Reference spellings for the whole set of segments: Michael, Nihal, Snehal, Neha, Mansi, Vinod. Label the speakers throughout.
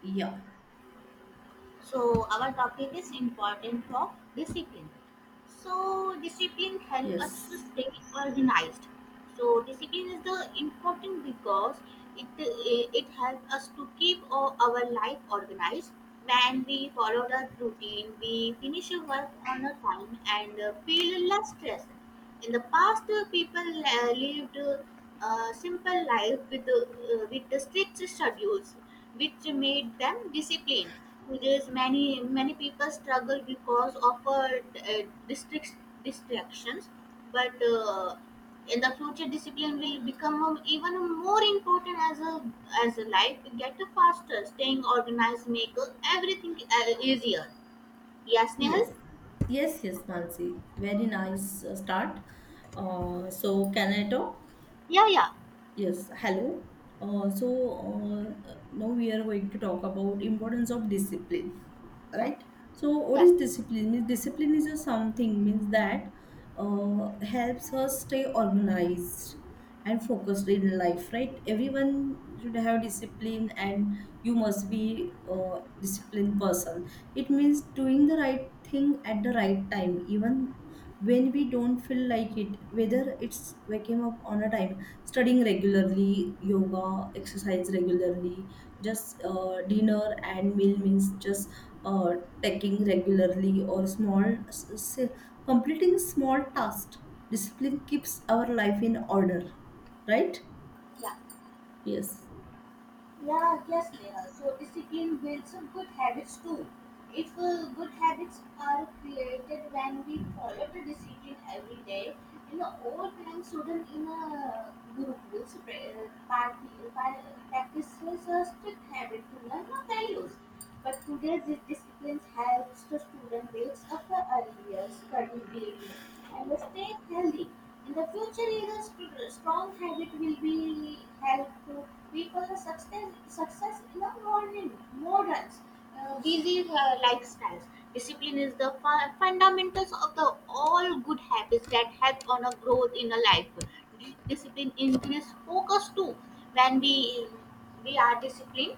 Speaker 1: Yeah,
Speaker 2: So our topic is important of discipline. So discipline helps us to
Speaker 1: yes,
Speaker 2: stay organized. So discipline is the important because it helps us to keep our life organized. When we follow the routine, we finish our work on a time and feel less stressed. In the past, people lived a simple life with the strict schedules, which made them disciplined. Whereas many people struggle because of district distractions, but in the future, discipline will become even more important as a life get faster. Staying organized make everything easier. Yeah,
Speaker 1: yes,
Speaker 2: Snehal.
Speaker 1: yes, Mansi. Very nice start. So, can I talk?
Speaker 2: Yeah, yeah,
Speaker 1: Yes, hello. Uh, so Now we are going to talk about importance of discipline, right? So what
Speaker 2: yeah,
Speaker 1: is discipline? Means discipline is a something means that helps us stay organized and focused in life, right? Everyone should have discipline, and you must be a disciplined person. It means doing the right thing at the right time, even when we don't feel like it, whether it's waking up on a time, studying regularly, yoga exercise regularly, just dinner and meal means just uh, taking regularly, or small completing small tasks. Discipline keeps our life in order, right?
Speaker 2: yeah.
Speaker 1: Yes,
Speaker 2: Yeah, yes, Neha. So discipline builds some good habits too. If good habits are created when we follow the discipline every day, you know, all time student in a group will party, par- practices a strict habit to learn our values. But today, this discipline helps the student builds up the earlier, study daily, and stay healthy. In the future years, strong habit will be help to people success in the modern busy lifestyles. Discipline is the fundamentals of the all good habits that help on a growth in a life. Discipline increase focus too. When we are disciplined,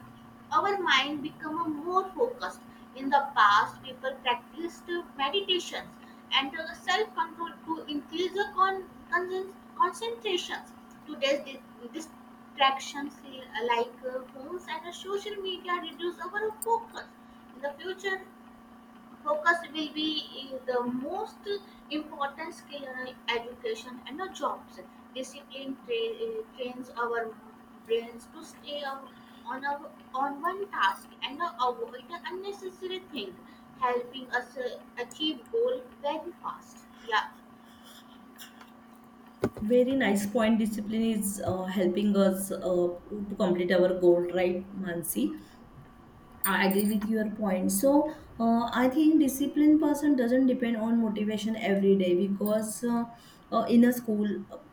Speaker 2: our mind become a more focused in the past people practiced meditations and self-control to increase the concentrations today's distractions like phones and social media reduce our focus in the future focus will be in the most important skill in education and the jobs discipline trains our brains to stay on on, a, on one task and avoid unnecessary thing helping us achieve goal very fast. Yeah.
Speaker 1: very nice point. Discipline is helping us to complete our goal, right, Mansi? I agree with your point. So I think disciplined person doesn't depend on motivation every day, because in a school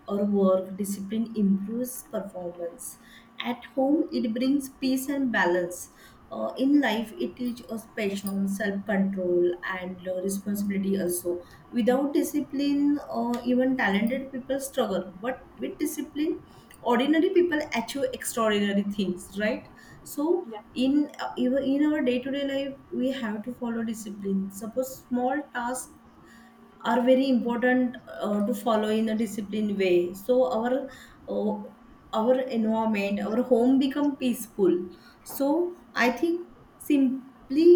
Speaker 1: or work, discipline improves performance. At home, it brings peace and balance. In life, it teaches us patience, self-control, and responsibility. Also, without discipline, even talented people struggle. But with discipline, ordinary people achieve extraordinary things. Right? So in, even in our day-to-day life, we have to follow discipline. Suppose small tasks are very important to follow in a disciplined way, so uh, our environment, our home become peaceful. So I think, simply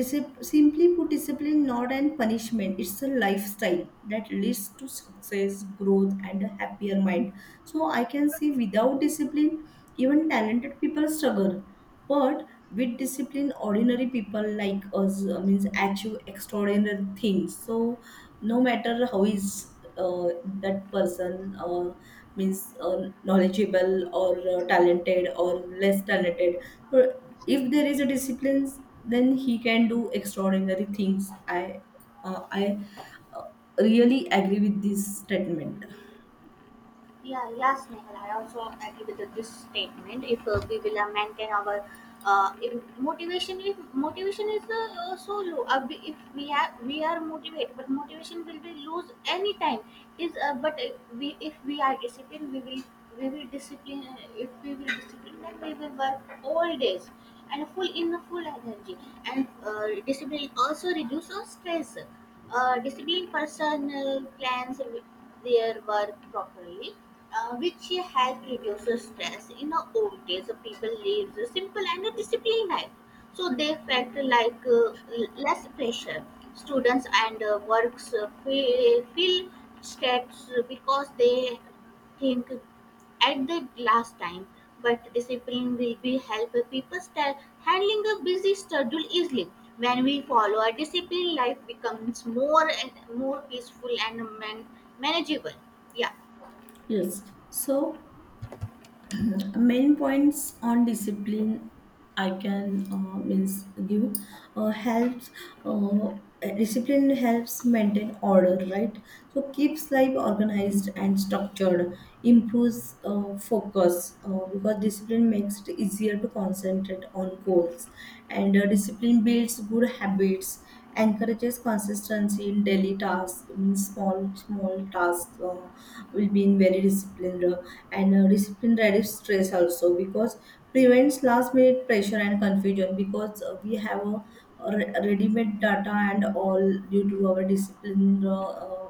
Speaker 1: disip- simply put, discipline not an punishment, it's a lifestyle that leads to success, growth, and a happier mind. So I can say, without discipline, even talented people struggle, but with discipline, ordinary people like us means achieve extraordinary things. So no matter how is that person means knowledgeable, or talented, or less talented, uh, if there is a discipline, then he can do extraordinary things. I uh, i uh, really agree with this statement.
Speaker 2: Yeah, yes, Nehal. I also agree with this statement. If we will maintain our uh, if if motivation is so low, if we are motivated, but motivation will be lose anytime. Is but we if we are disciplined, we will discipline. If we will discipline, then we will work all days and full in full energy and discipline also reduces stress. Disciplined person plans their work properly, which help reduces stress in the old days the people live a simple and a disciplined life so they felt like less pressure. Students and works feel stressed because they think at the last time, but discipline will be help people start handling a busy schedule easily. When we follow a discipline, life becomes more and more peaceful and manageable. Yeah.
Speaker 1: Yes, so main points on discipline, I can means give helps uh, discipline helps maintain order, right? So keeps life organized and structured. Improves focus, because discipline makes it easier to concentrate on goals. And discipline builds good habits, encourages consistency in daily tasks, means small small tasks will be in very disciplined. And discipline reduces stress also, because prevents last minute pressure and confusion, because we have a ready-made data and all, due to our discipline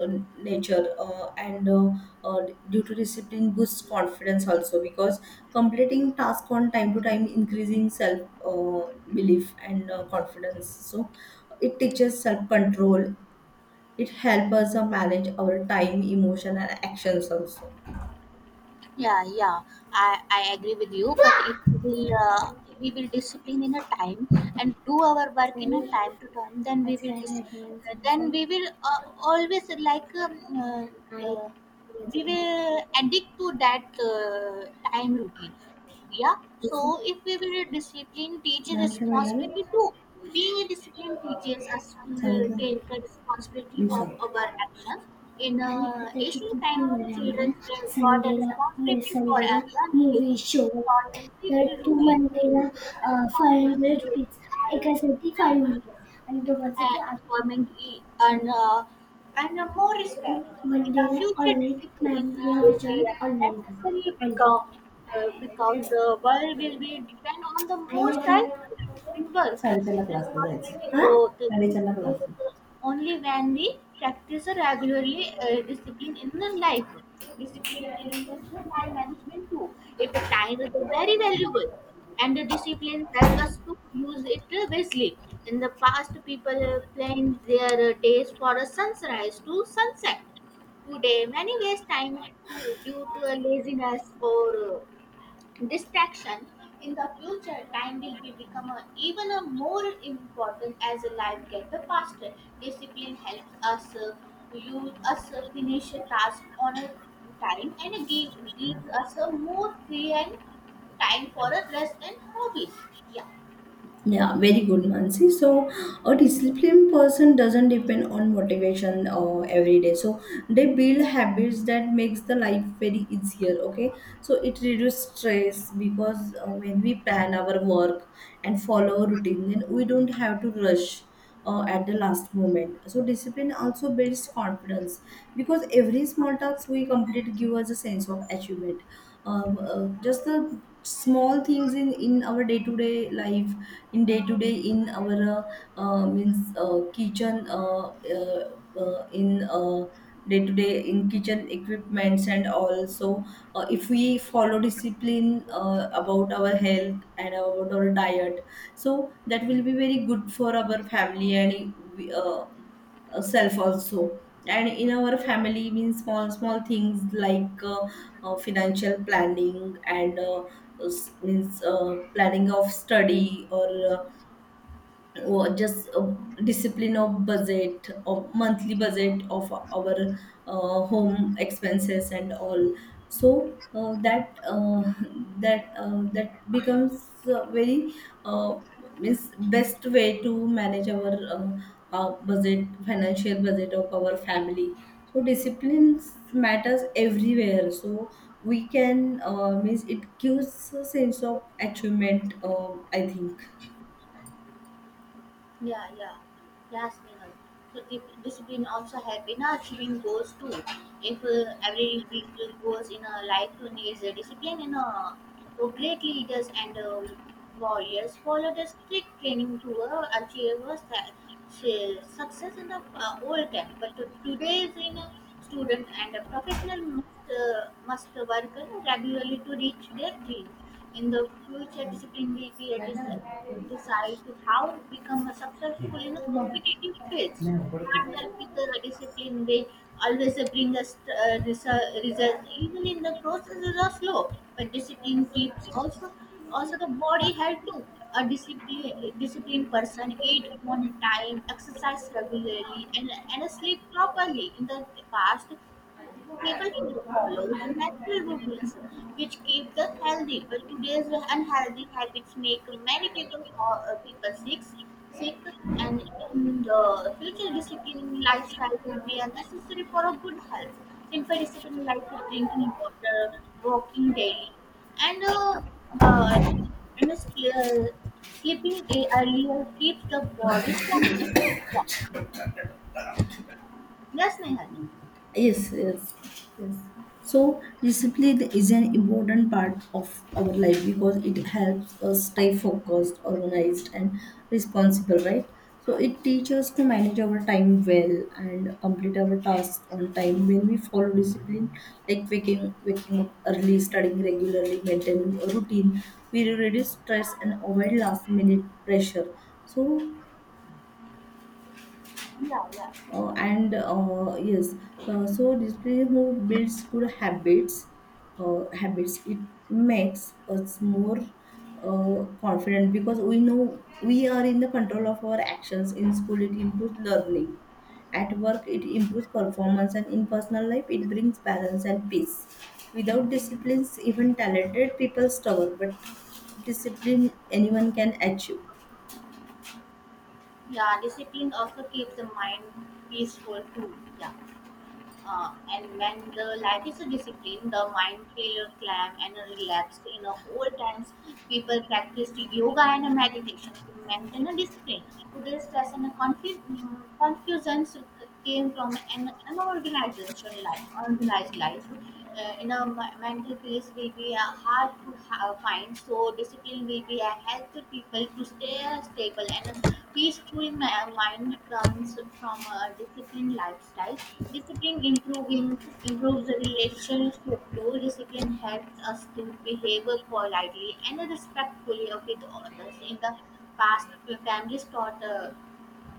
Speaker 1: uh, nature. And uh, Due to discipline boosts confidence also, because completing task on time to time, increasing self belief and confidence. So it teaches self control. It helps us manage our time, emotion, and actions also.
Speaker 2: Yeah, yeah, I agree with you, but if we will we will discipline in a time and do our work in a
Speaker 1: चालेल
Speaker 2: time to time. Then we will
Speaker 1: आजकाल advance
Speaker 2: then we will always like
Speaker 1: आणि
Speaker 2: uh,
Speaker 1: मजा
Speaker 2: we
Speaker 1: लागतो.
Speaker 2: will addict to that time routine. Yeah.
Speaker 1: असं.
Speaker 2: So if we were a disciplined teacher
Speaker 1: ma'am काय म्हणाले
Speaker 2: responsibility too. Being a disciplined teacher as to
Speaker 1: सांगितलं
Speaker 2: take the responsibility
Speaker 1: me
Speaker 2: of
Speaker 1: सांगते
Speaker 2: our actions. In
Speaker 1: आणि आता ती किती
Speaker 2: ancient times,
Speaker 1: म्हणले आम्हाला
Speaker 2: children were taught a
Speaker 1: संडेला नाही
Speaker 2: responsibility for
Speaker 1: संडेला
Speaker 2: a young age,
Speaker 1: movie show
Speaker 2: taught a strict
Speaker 1: तर तू
Speaker 2: routine.
Speaker 1: मंडेला
Speaker 2: These
Speaker 1: five
Speaker 2: responsibilities
Speaker 1: hundred rupees
Speaker 2: were,
Speaker 1: एकासाठी
Speaker 2: and
Speaker 1: फाईव्ह हंड्रेड आणि दोघांसाठी आठ
Speaker 2: employment and more respect.
Speaker 1: Hundred
Speaker 2: In the
Speaker 1: मंडेला
Speaker 2: future,
Speaker 1: ऑनलाईन
Speaker 2: discipline
Speaker 1: मॅमला
Speaker 2: will be
Speaker 1: विचारून
Speaker 2: as
Speaker 1: ऑनलाईन करा
Speaker 2: necessary
Speaker 1: पंडित
Speaker 2: because the world will be depend on the most
Speaker 1: साडेचारला
Speaker 2: self-driven.
Speaker 1: क्लासला
Speaker 2: Responsibility
Speaker 1: जायचं हां
Speaker 2: growth
Speaker 1: साडेचारला
Speaker 2: growth
Speaker 1: क्लासला.
Speaker 2: only when we practice regularly discipline in the life. Discipline includes the time management too. If a time is very valuable, and the discipline help us to use it wisely. In the past, people planned their days for a sunrise to sunset. Today, many waste time to, due to a laziness or distraction in the future time will be become a, even a more important as a life get the faster. Discipline helps us you us finish a task on a time and gives us a more free and time for a rest and hobbies. Yeah.
Speaker 1: Yeah, very good, Mansi. So, a disciplined person doesn't depend on motivation every day. So, they build habits that makes the life very easier. Okay, so it reduces stress, because when we plan our work and follow a routine, then we don't have to rush. At the last moment. So discipline also builds confidence, because every small task we complete gives us a sense of achievement. Just the small things in our day to day life, in day to day in our means kitchen uh, in day to day in kitchen equipments, and also if we follow discipline about our health and about our diet, so that will be very good for our family, and we, self also. And in our family means small small things like financial planning and means planning of study, or just discipline of budget, or monthly budget of our home expenses and all. So that becomes very uh, means best way to manage our budget, financial budget of our family. So discipline matters everywhere. So we can means it gives a sense of achievement, I think.
Speaker 2: Yeah, yeah. Yes, Vinod. So discipline also help in achieving goals too. If every week goals in a life needs a discipline in a so great leaders and warriors follow the strict training to achieve a success in the old time. But today is in a student and a professional must work regularly to reach their dreams. In the future, discipline will be a decide how to become a successful in a competitive field.
Speaker 1: Hmm.
Speaker 2: Hard work with the discipline will always bring us results even in the processes are slow, but discipline keeps also also the body health too. A disciplined person eat on time, exercise regularly, and sleep properly in the past. People who follow the natural routines which keep them healthy, but today's unhealthy habits make many people people sick, and in the future, disciplined lifestyle will be unnecessary for a good health. Simple discipline like drinking water, walking daily, and uh, uh, and sleeping earlier keeps the body strong. Yeah, yes, Nehal.
Speaker 1: Yes, yes, yes. So discipline is an important part of our life, because it helps us stay focused, organized, and responsible, right? So it teaches us to manage our time well and complete our tasks on time. When we follow discipline, like waking up early, studying regularly, maintaining a routine, we reduce stress and avoid last minute pressure. So
Speaker 2: Yeah, yeah.
Speaker 1: and yes, so discipline who builds good habits, it makes us more confident, because we know we are in the control of our actions. In school it improves learning, at work it improves performance, and in personal life it brings balance and peace. Without disciplines, even talented people struggle, but discipline anyone can achieve.
Speaker 2: Yeah, discipline also keeps the mind peaceful too. Yeah, and when the life is a discipline the mind feel calm and relaxed in old times people practiced yoga and meditation to maintain a discipline. Today's stress and confusions came from an unorganization life organized life in a mental peace will be hard to find so discipline will be a help to people to stay stable and a peaceful mind comes from a disciplined lifestyle. Discipline improving improves the relationship too. Discipline helps us to behave politely and respectfully with others in the past. Families taught uh,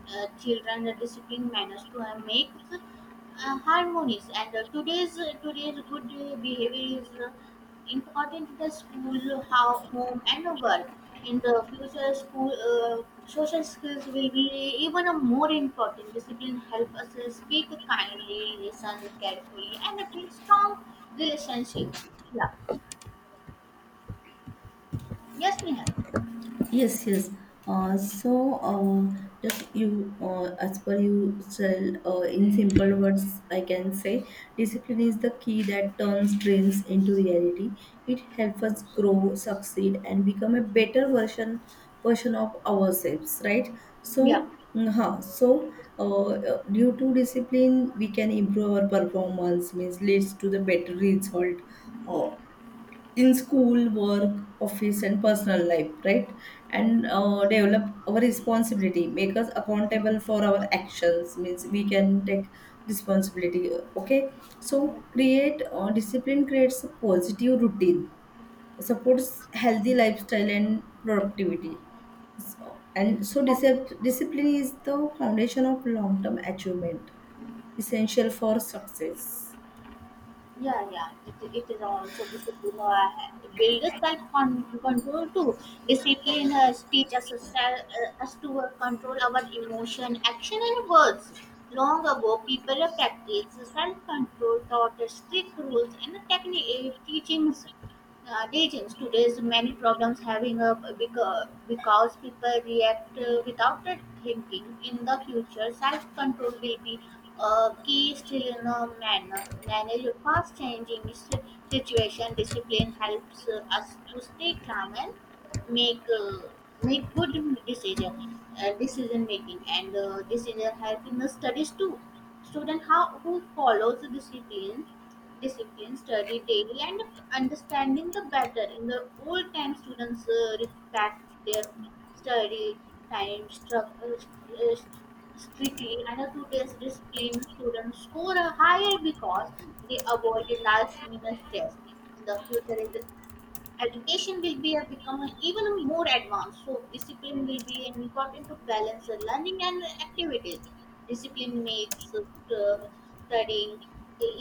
Speaker 2: uh, children the discipline manners to make harmonies and today's good behavior is important to the school how home and the work in the future school social skills will be even a more important. Discipline help us speak kindly, listen carefully, and build strong relationship. Yeah, yes, Nihal.
Speaker 1: Yes, yes. Uh, so, uh, just you, as per you said, in simple words, I can say discipline is the key that turns dreams into reality. It helps us grow, succeed, and become a better version of ourselves, right? So, due to discipline, we can improve our performance, means leads to the better result. Uh, in school, work, office, and personal life, right? And develop our responsibility, make us accountable for our actions, means we can take responsibility, okay? So, create discipline creates a positive routine, supports healthy lifestyle and productivity. So, and so,
Speaker 2: Yeah.
Speaker 1: discip- discipline is the foundation of long term achievement, essential for success.
Speaker 2: Yeah, yeah, it is also discipline builds self control too. Discipline teaches us to control our emotion, action, and words. Long ago, people practiced self control taught strict rules and technique teachings teachings today's many problems having a because people react without it thinking in the future self control will be a key still in a manner manage a fast changing situation. Discipline helps us to stay calm and make uh, make good decision decision making and decision help in the studies too. Student how who follows the discipline, study daily, and understanding the better. In the old time, students respect their study time uh, strictly, and the today's discipline students score higher because they avoid the last minute test. In the future, education will be a, become even a more advanced so discipline will be an important to balance the learning and activities. Discipline makes studying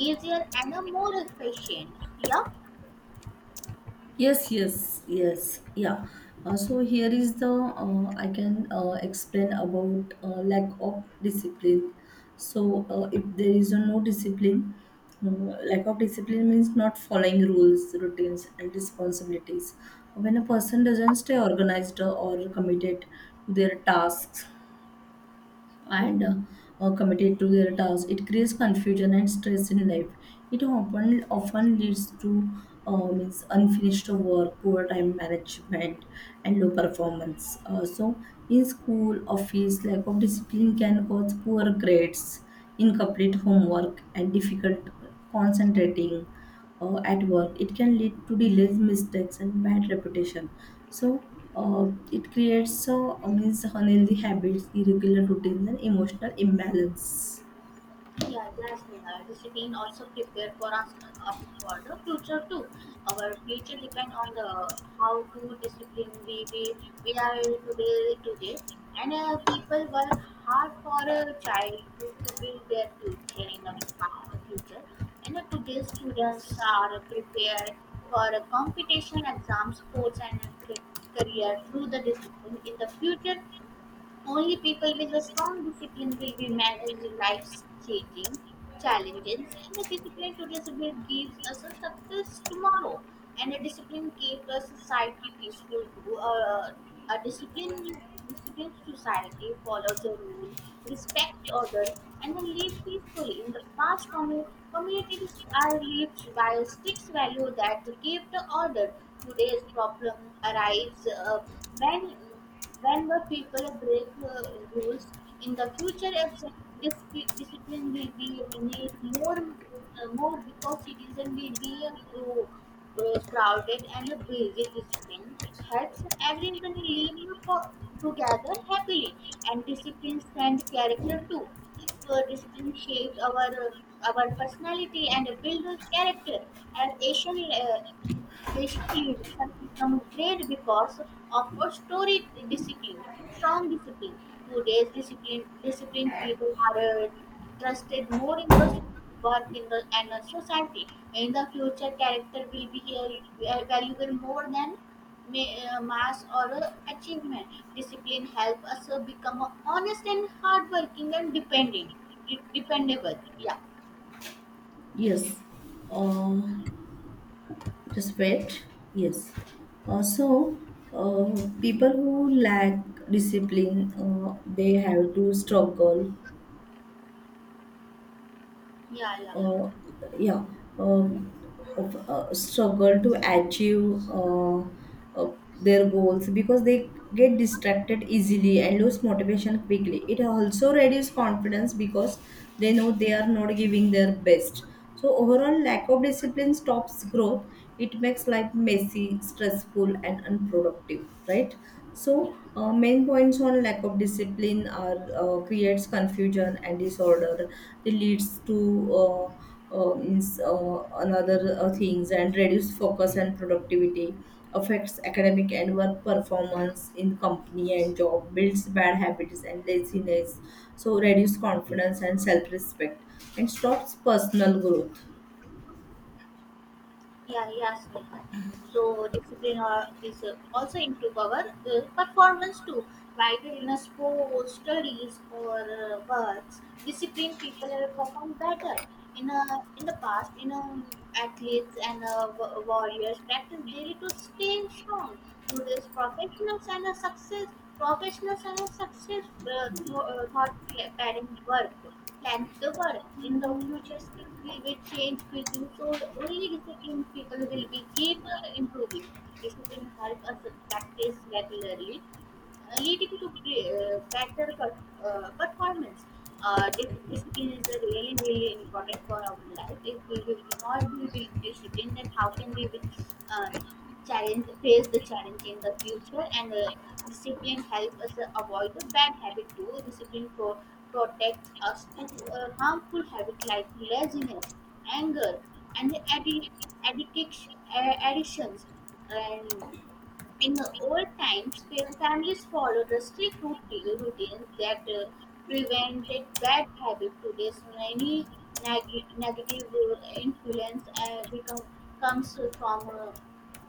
Speaker 2: easier and a more efficient. Yeah.
Speaker 1: Yes, yes, yes, yeah. So here is the, I can explain about lack of discipline. So if there is a no discipline, uh, lack of discipline means not following rules, routines, and responsibilities. When a person doesn't stay organized or committed to their tasks,
Speaker 2: Yeah.
Speaker 1: and committed to their tasks, it creates confusion and stress in life. It often leads to means unfinished work, poor time management, and low performance. So in school, office, lack of discipline can cause poor grades, incomplete homework, and difficult concentrating. At work it can lead to delays, mistakes, and bad reputation. So it creates means unhealthy habits, irregular routines, and emotional imbalance.
Speaker 2: Yeah, yes, Neha. Discipline also prepare for us, us for the future too. Our future depend on the how to discipline we are today today. And people work hard for a child to build their future in the future. And today's students are prepared for a competition, exams, sports, and a career through the discipline. In the future, only people with a strong discipline will be managing life's changing challenges, and the discipline today gives us a success tomorrow. And a discipline keeps a society peaceful too. A disciplined society follows a rule, respects others, and then live peacefully. In the past, communities are lived by a strict value that keep the order. Today's problem arrives when when were people break rules? In the future, it's discipline will be need more because citizen will be a crowded and a busy discipline helps everyone live together happily. And discipline and character too. Discipline shaped our personality and build character. And Asian leaders have become great because of a storied discipline, strong discipline. Today's disciplined people are trusted more in the work in the and the society. In the future, character will be valuable more than mass or achievement. Discipline help us become honest and hardworking and dependable. Yeah,
Speaker 1: Yes, uh, just wait. Yes, uh, so uh, people who lack discipline, they have to struggle.
Speaker 2: yeah, yeah,
Speaker 1: uh, yeah, um, Struggle to achieve uh, their goals, because they get distracted easily and lose motivation quickly. It also reduces confidence, because they know they are not giving their best. So overall, lack of discipline stops growth. It makes life messy, stressful, and unproductive. Right.
Speaker 2: yeah.
Speaker 1: So, main points on lack of discipline are, creates confusion and disorder. It leads to another things, and reduce focus and productivity. Affects academic and work performance in company and job. Builds bad habits and laziness. So, reduce confidence and self respect, and stops personal growth.
Speaker 2: Yeah, yes, Michael. So discipline or is also improve our performance too. Whether in a sport, studies, or works, discipline people perform better. In the past, you know, athletes and warriors practice daily to stay strong. Today's professionals and a success professionals and a success through, thought parent work like the world. In the future, skills will be changed quickly, so only disciplined people will be keep improving. Discipline helps us practice regularly, leading to better performance. Discipline is a really, really important for our life. If we will not be disciplined, then how can we will, uh, challenge face the challenge in the future? And discipline helps us avoid the bad habit too. Protects us from harmful habit like laziness, anger, and addict- addictions. And in the old times, families followed routines that prevented bad habits. Today's many negative influence comes from uh,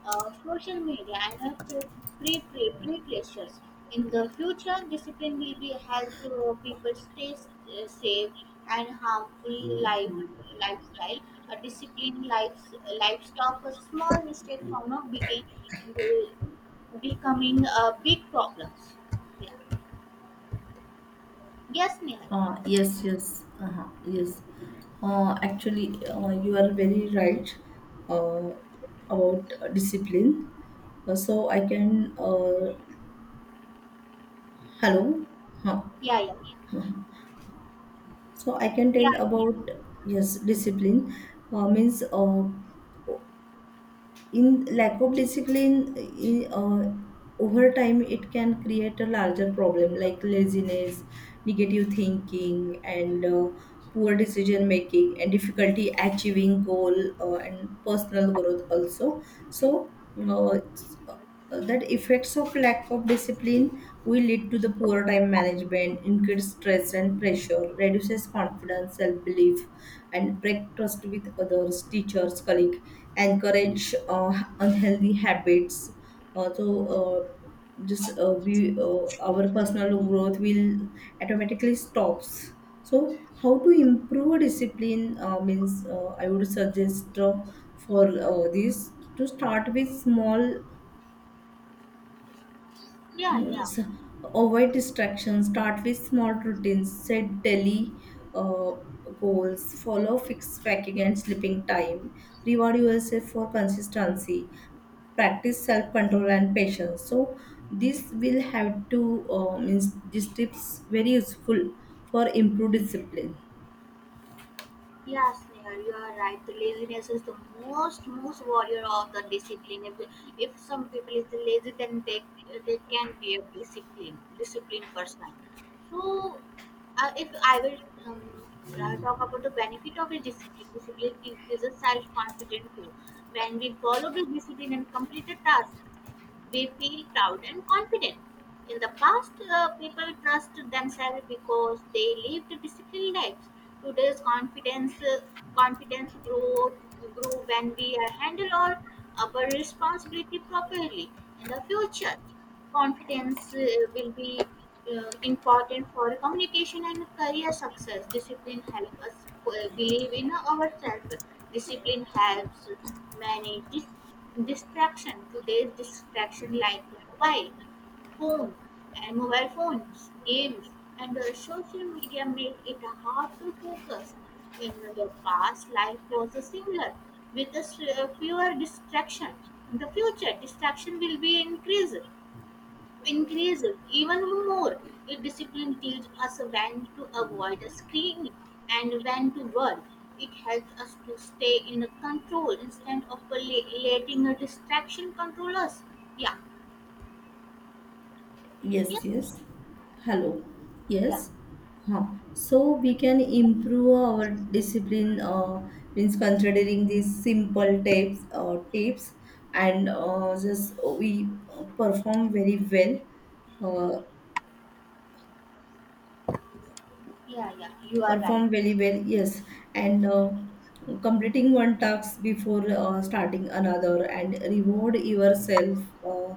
Speaker 2: uh, social media and pre-pressures. In the future, discipline will be help people stay safe and harmful lifestyle. A disciplined life stop a small mistake from not begin, uh, becoming a big problems. Yeah. Yes, Nihal.
Speaker 1: Yes, yes, uh, yes. Actually, you are very right uh, about discipline. So I can, hello, huh.
Speaker 2: Yeah, yeah,
Speaker 1: So I can tell
Speaker 2: yeah,
Speaker 1: about yes, discipline means in lack of discipline in, over time, it can create a larger problem like laziness, negative thinking, and poor decision making, and difficulty achieving goal, and personal growth also. So uh, that effects of lack of discipline will lead to the poor time management, increased stress and pressure, reduces confidence, self-belief, and break trust with others, teachers, colleague, encourage unhealthy habits. So just we Our personal growth will automatically stops. So how to improve discipline, means I would suggest for this to start with small.
Speaker 2: yeah, yeah.
Speaker 1: Yes, avoid distractions, start with small routines, set daily uh, goals, follow fixed tracking and sleeping time, reward yourself for consistency, practice self control and patience. So, this will have to, means, these tips very useful for improved discipline.
Speaker 2: Yes, Neha, you are right. The laziness is the most warrior of the discipline. If some people is lazy, then they can be a disciplined person. So, if I will um, talk about the benefit of a discipline increases self confidence too. When we follow the discipline and complete the task, we feel proud and confident. In the past, people trust themselves because they lived disciplined lives. Today's confidence growth grew when we handle all our responsibility properly. In the future, confidence will be important for communication and career success. Discipline helps us believe in ourselves. Discipline helps manage distraction. Today's distraction like mobile phone mobile phones, games, and social media make it hard to focus. In the past, life was similar with fewer distraction. In the future, distraction will be increased even more. A discipline teaches us when to avoid a screen and when to work. It helps us to stay in the control instead of letting a distraction control us. Yeah, yeah,
Speaker 1: Yes, yes. Hello.
Speaker 2: yeah,
Speaker 1: Yes. Huh. So we can improve our discipline, means considering these simple tips, and just we perform very well,
Speaker 2: yeah, yeah. You are right.
Speaker 1: perform very well. Yes, and completing one task before starting another, and reward yourself uh,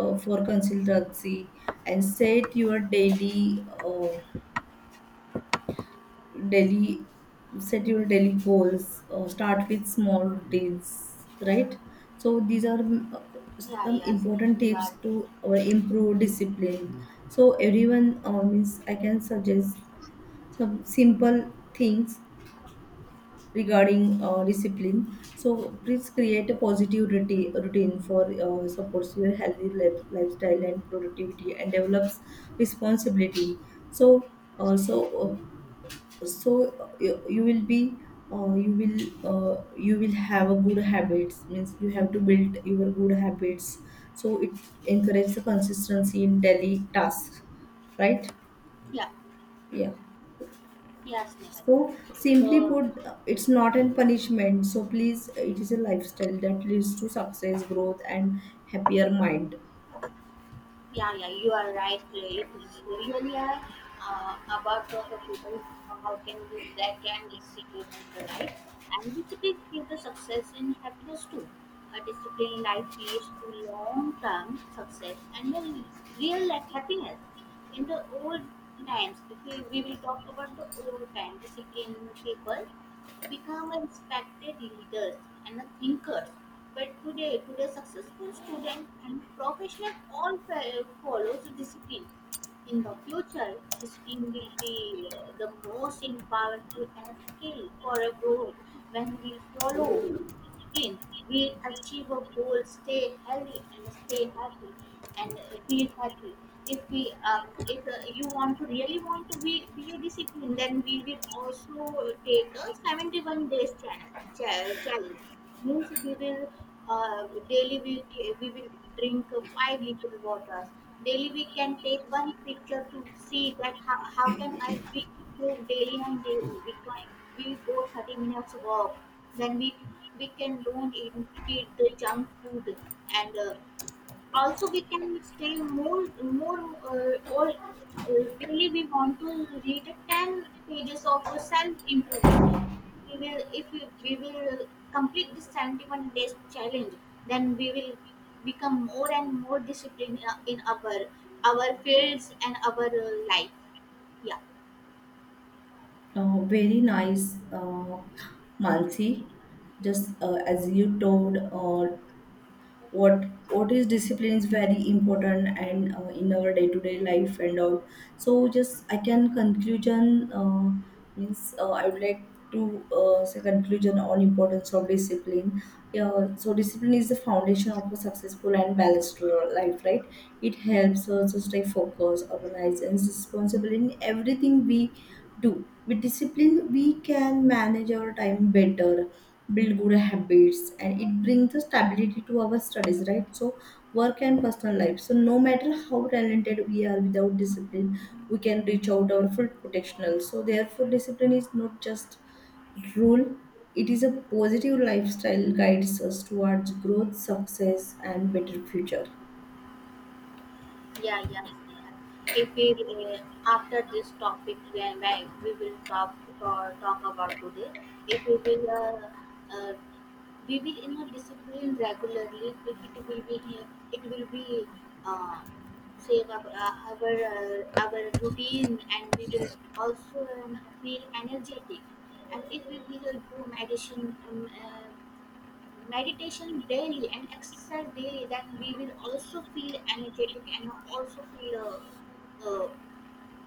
Speaker 1: for consistency, and set your daily daily set your daily goals, start with small routines, right? So these are
Speaker 2: Yeah,
Speaker 1: some
Speaker 2: yeah,
Speaker 1: important
Speaker 2: Snehal, you
Speaker 1: tips
Speaker 2: are.
Speaker 1: to improve discipline. So everyone, means I can suggest some simple things regarding discipline. So please create a positive routine for, supports your healthy life, lifestyle and productivity, and develops responsibility, so also. So you will be, uh, you will you will have a good habits, means you have to build your good habits, so it encourages the consistency in daily tasks, right?
Speaker 2: Yeah,
Speaker 1: Yeah,
Speaker 2: yeah, Snehal.
Speaker 1: so
Speaker 2: So
Speaker 1: simply
Speaker 2: the
Speaker 1: put it's not a punishment, so please, it is a lifestyle that leads to success, growth, and happier mind.
Speaker 2: Yeah, yeah, you are right. It is really, about what the people, how can we that can discipline and the life. And discipline creates the success and happiness too. A disciplined life leads to long-term success and a real life happiness. In the old times, if we will talk about the old time disciplined people become a respected leaders and a thinkers. But today successful student and professional all follows discipline. In the future, skill will be the most powerful and skill for a goal. When we follow discipline, we achieve a goal, stay healthy and stay happy and feel happy. If if you want to really want to be a discipline, then we will also take a 71 days challenge. Challenge means uh, daily we, we will drink five little waters. Daily we can take one picture to see that how can I we improve daily, and daily we can we go 30 minutes walk. Then we can don't eat the junk food, and also, we can stay more, or really we want to read a 10 pages of self improvement. We will, if we will complete this 71 days challenge, then we will become more and more disciplined in our fields and our, life. Yeah.
Speaker 1: Very nice, Mansi. Just as you told, what what is discipline is very important, and in our day to day life and all. So just I can conclusion, means I would like to say conclusion on importance of discipline. Yeah, so discipline is the foundation of a successful and balanced life, right? It helps us to stay focused, organized, and responsible in everything we do. With discipline, we can manage our time better, build good habits, and it brings the stability to our studies, right? So work and personal life. So no matter how talented we are, without discipline, we can reach out our full potential. So therefore, discipline is not just rule, it is a positive lifestyle guides us towards growth, success, and better future.
Speaker 2: Yeah, yeah, Sneha. If we, after this topic, when we will talk about today, if we will we will in a discipline regularly, it will be it will be uh, save our our routine and we will also, feel energetic. And if we will do meditation daily and exercise daily, then we will also feel energetic and also feel uh, uh,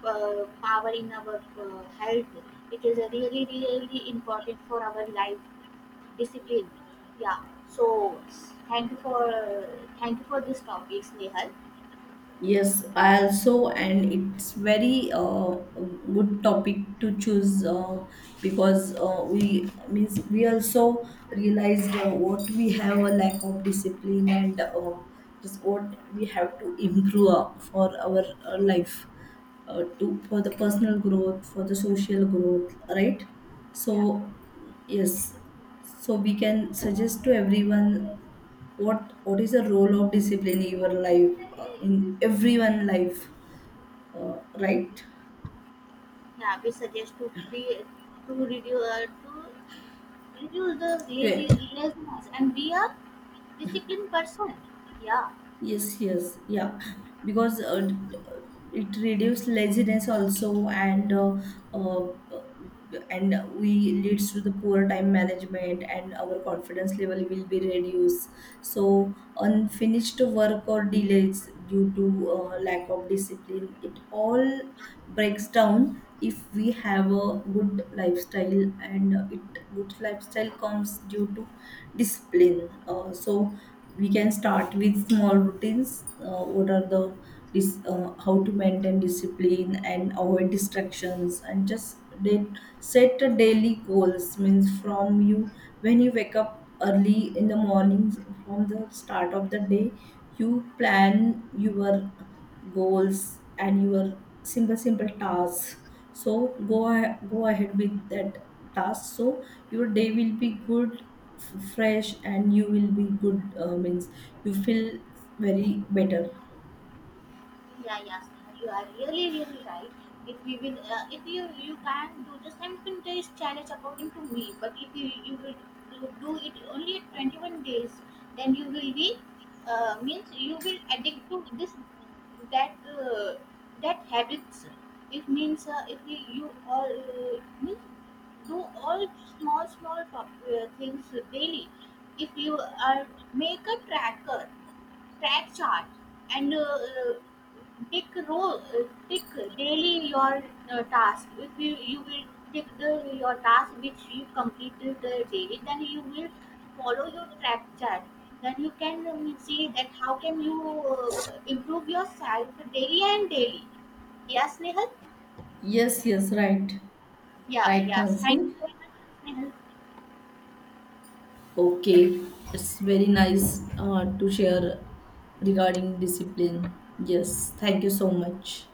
Speaker 2: power in our, health. It is a really, really important for our life, discipline. Yeah. So thank you for, thank you for this topic, nehal.
Speaker 1: Yes, I also, and it's very good topic to choose, because we means we also realized what we have a lack of discipline, and just what we have to improve for our life, to for the personal growth, for the social growth, right?
Speaker 2: Yeah.
Speaker 1: So yes, so we can suggest to everyone what is the role of discipline in your life, in everyone life, right?
Speaker 2: Yeah, we suggest to be to reduce, to reduce the lazy
Speaker 1: To
Speaker 2: laziness and be a disciplined person. Yeah.
Speaker 1: yes, yes, yeah, because it reduces laziness also, uh, and we leads to the poor time management, and our confidence level will be reduced. So unfinished work or delays due to lack of discipline, it all breaks down. If we have a good lifestyle, and it good lifestyle comes due to discipline. So we can start with small routines, what are the how to maintain discipline, and avoid distractions, and just set a daily goals. Means from you, when you wake up early in the mornings, from the start of the day, you plan your goals and your simple simple tasks, so go ahead with that task, so your day will be good, fresh, and you will be good, means you feel very better.
Speaker 2: Yeah, yes, you are really, really right. If we will, if you, you can do the 7 days challenge according to me, but if you, you will do it only at 21 days, then you will be, means you will addict to this, that, that habits. It means, if you all, means do all small things daily. If you are make a track chart, and tick row uh, tick daily your, task. If you will tick the your task which you completed, daily, then you will follow your track chart. Then you can, see that how can you, improve yourself daily and daily. Yes, nehal.
Speaker 1: Yes, yes, right.
Speaker 2: Yeah,
Speaker 1: Right,
Speaker 2: yes,
Speaker 1: Nancy.
Speaker 2: thank you so much, nehal.
Speaker 1: Okay, it's very nice to share regarding discipline. Yes, thank you so much.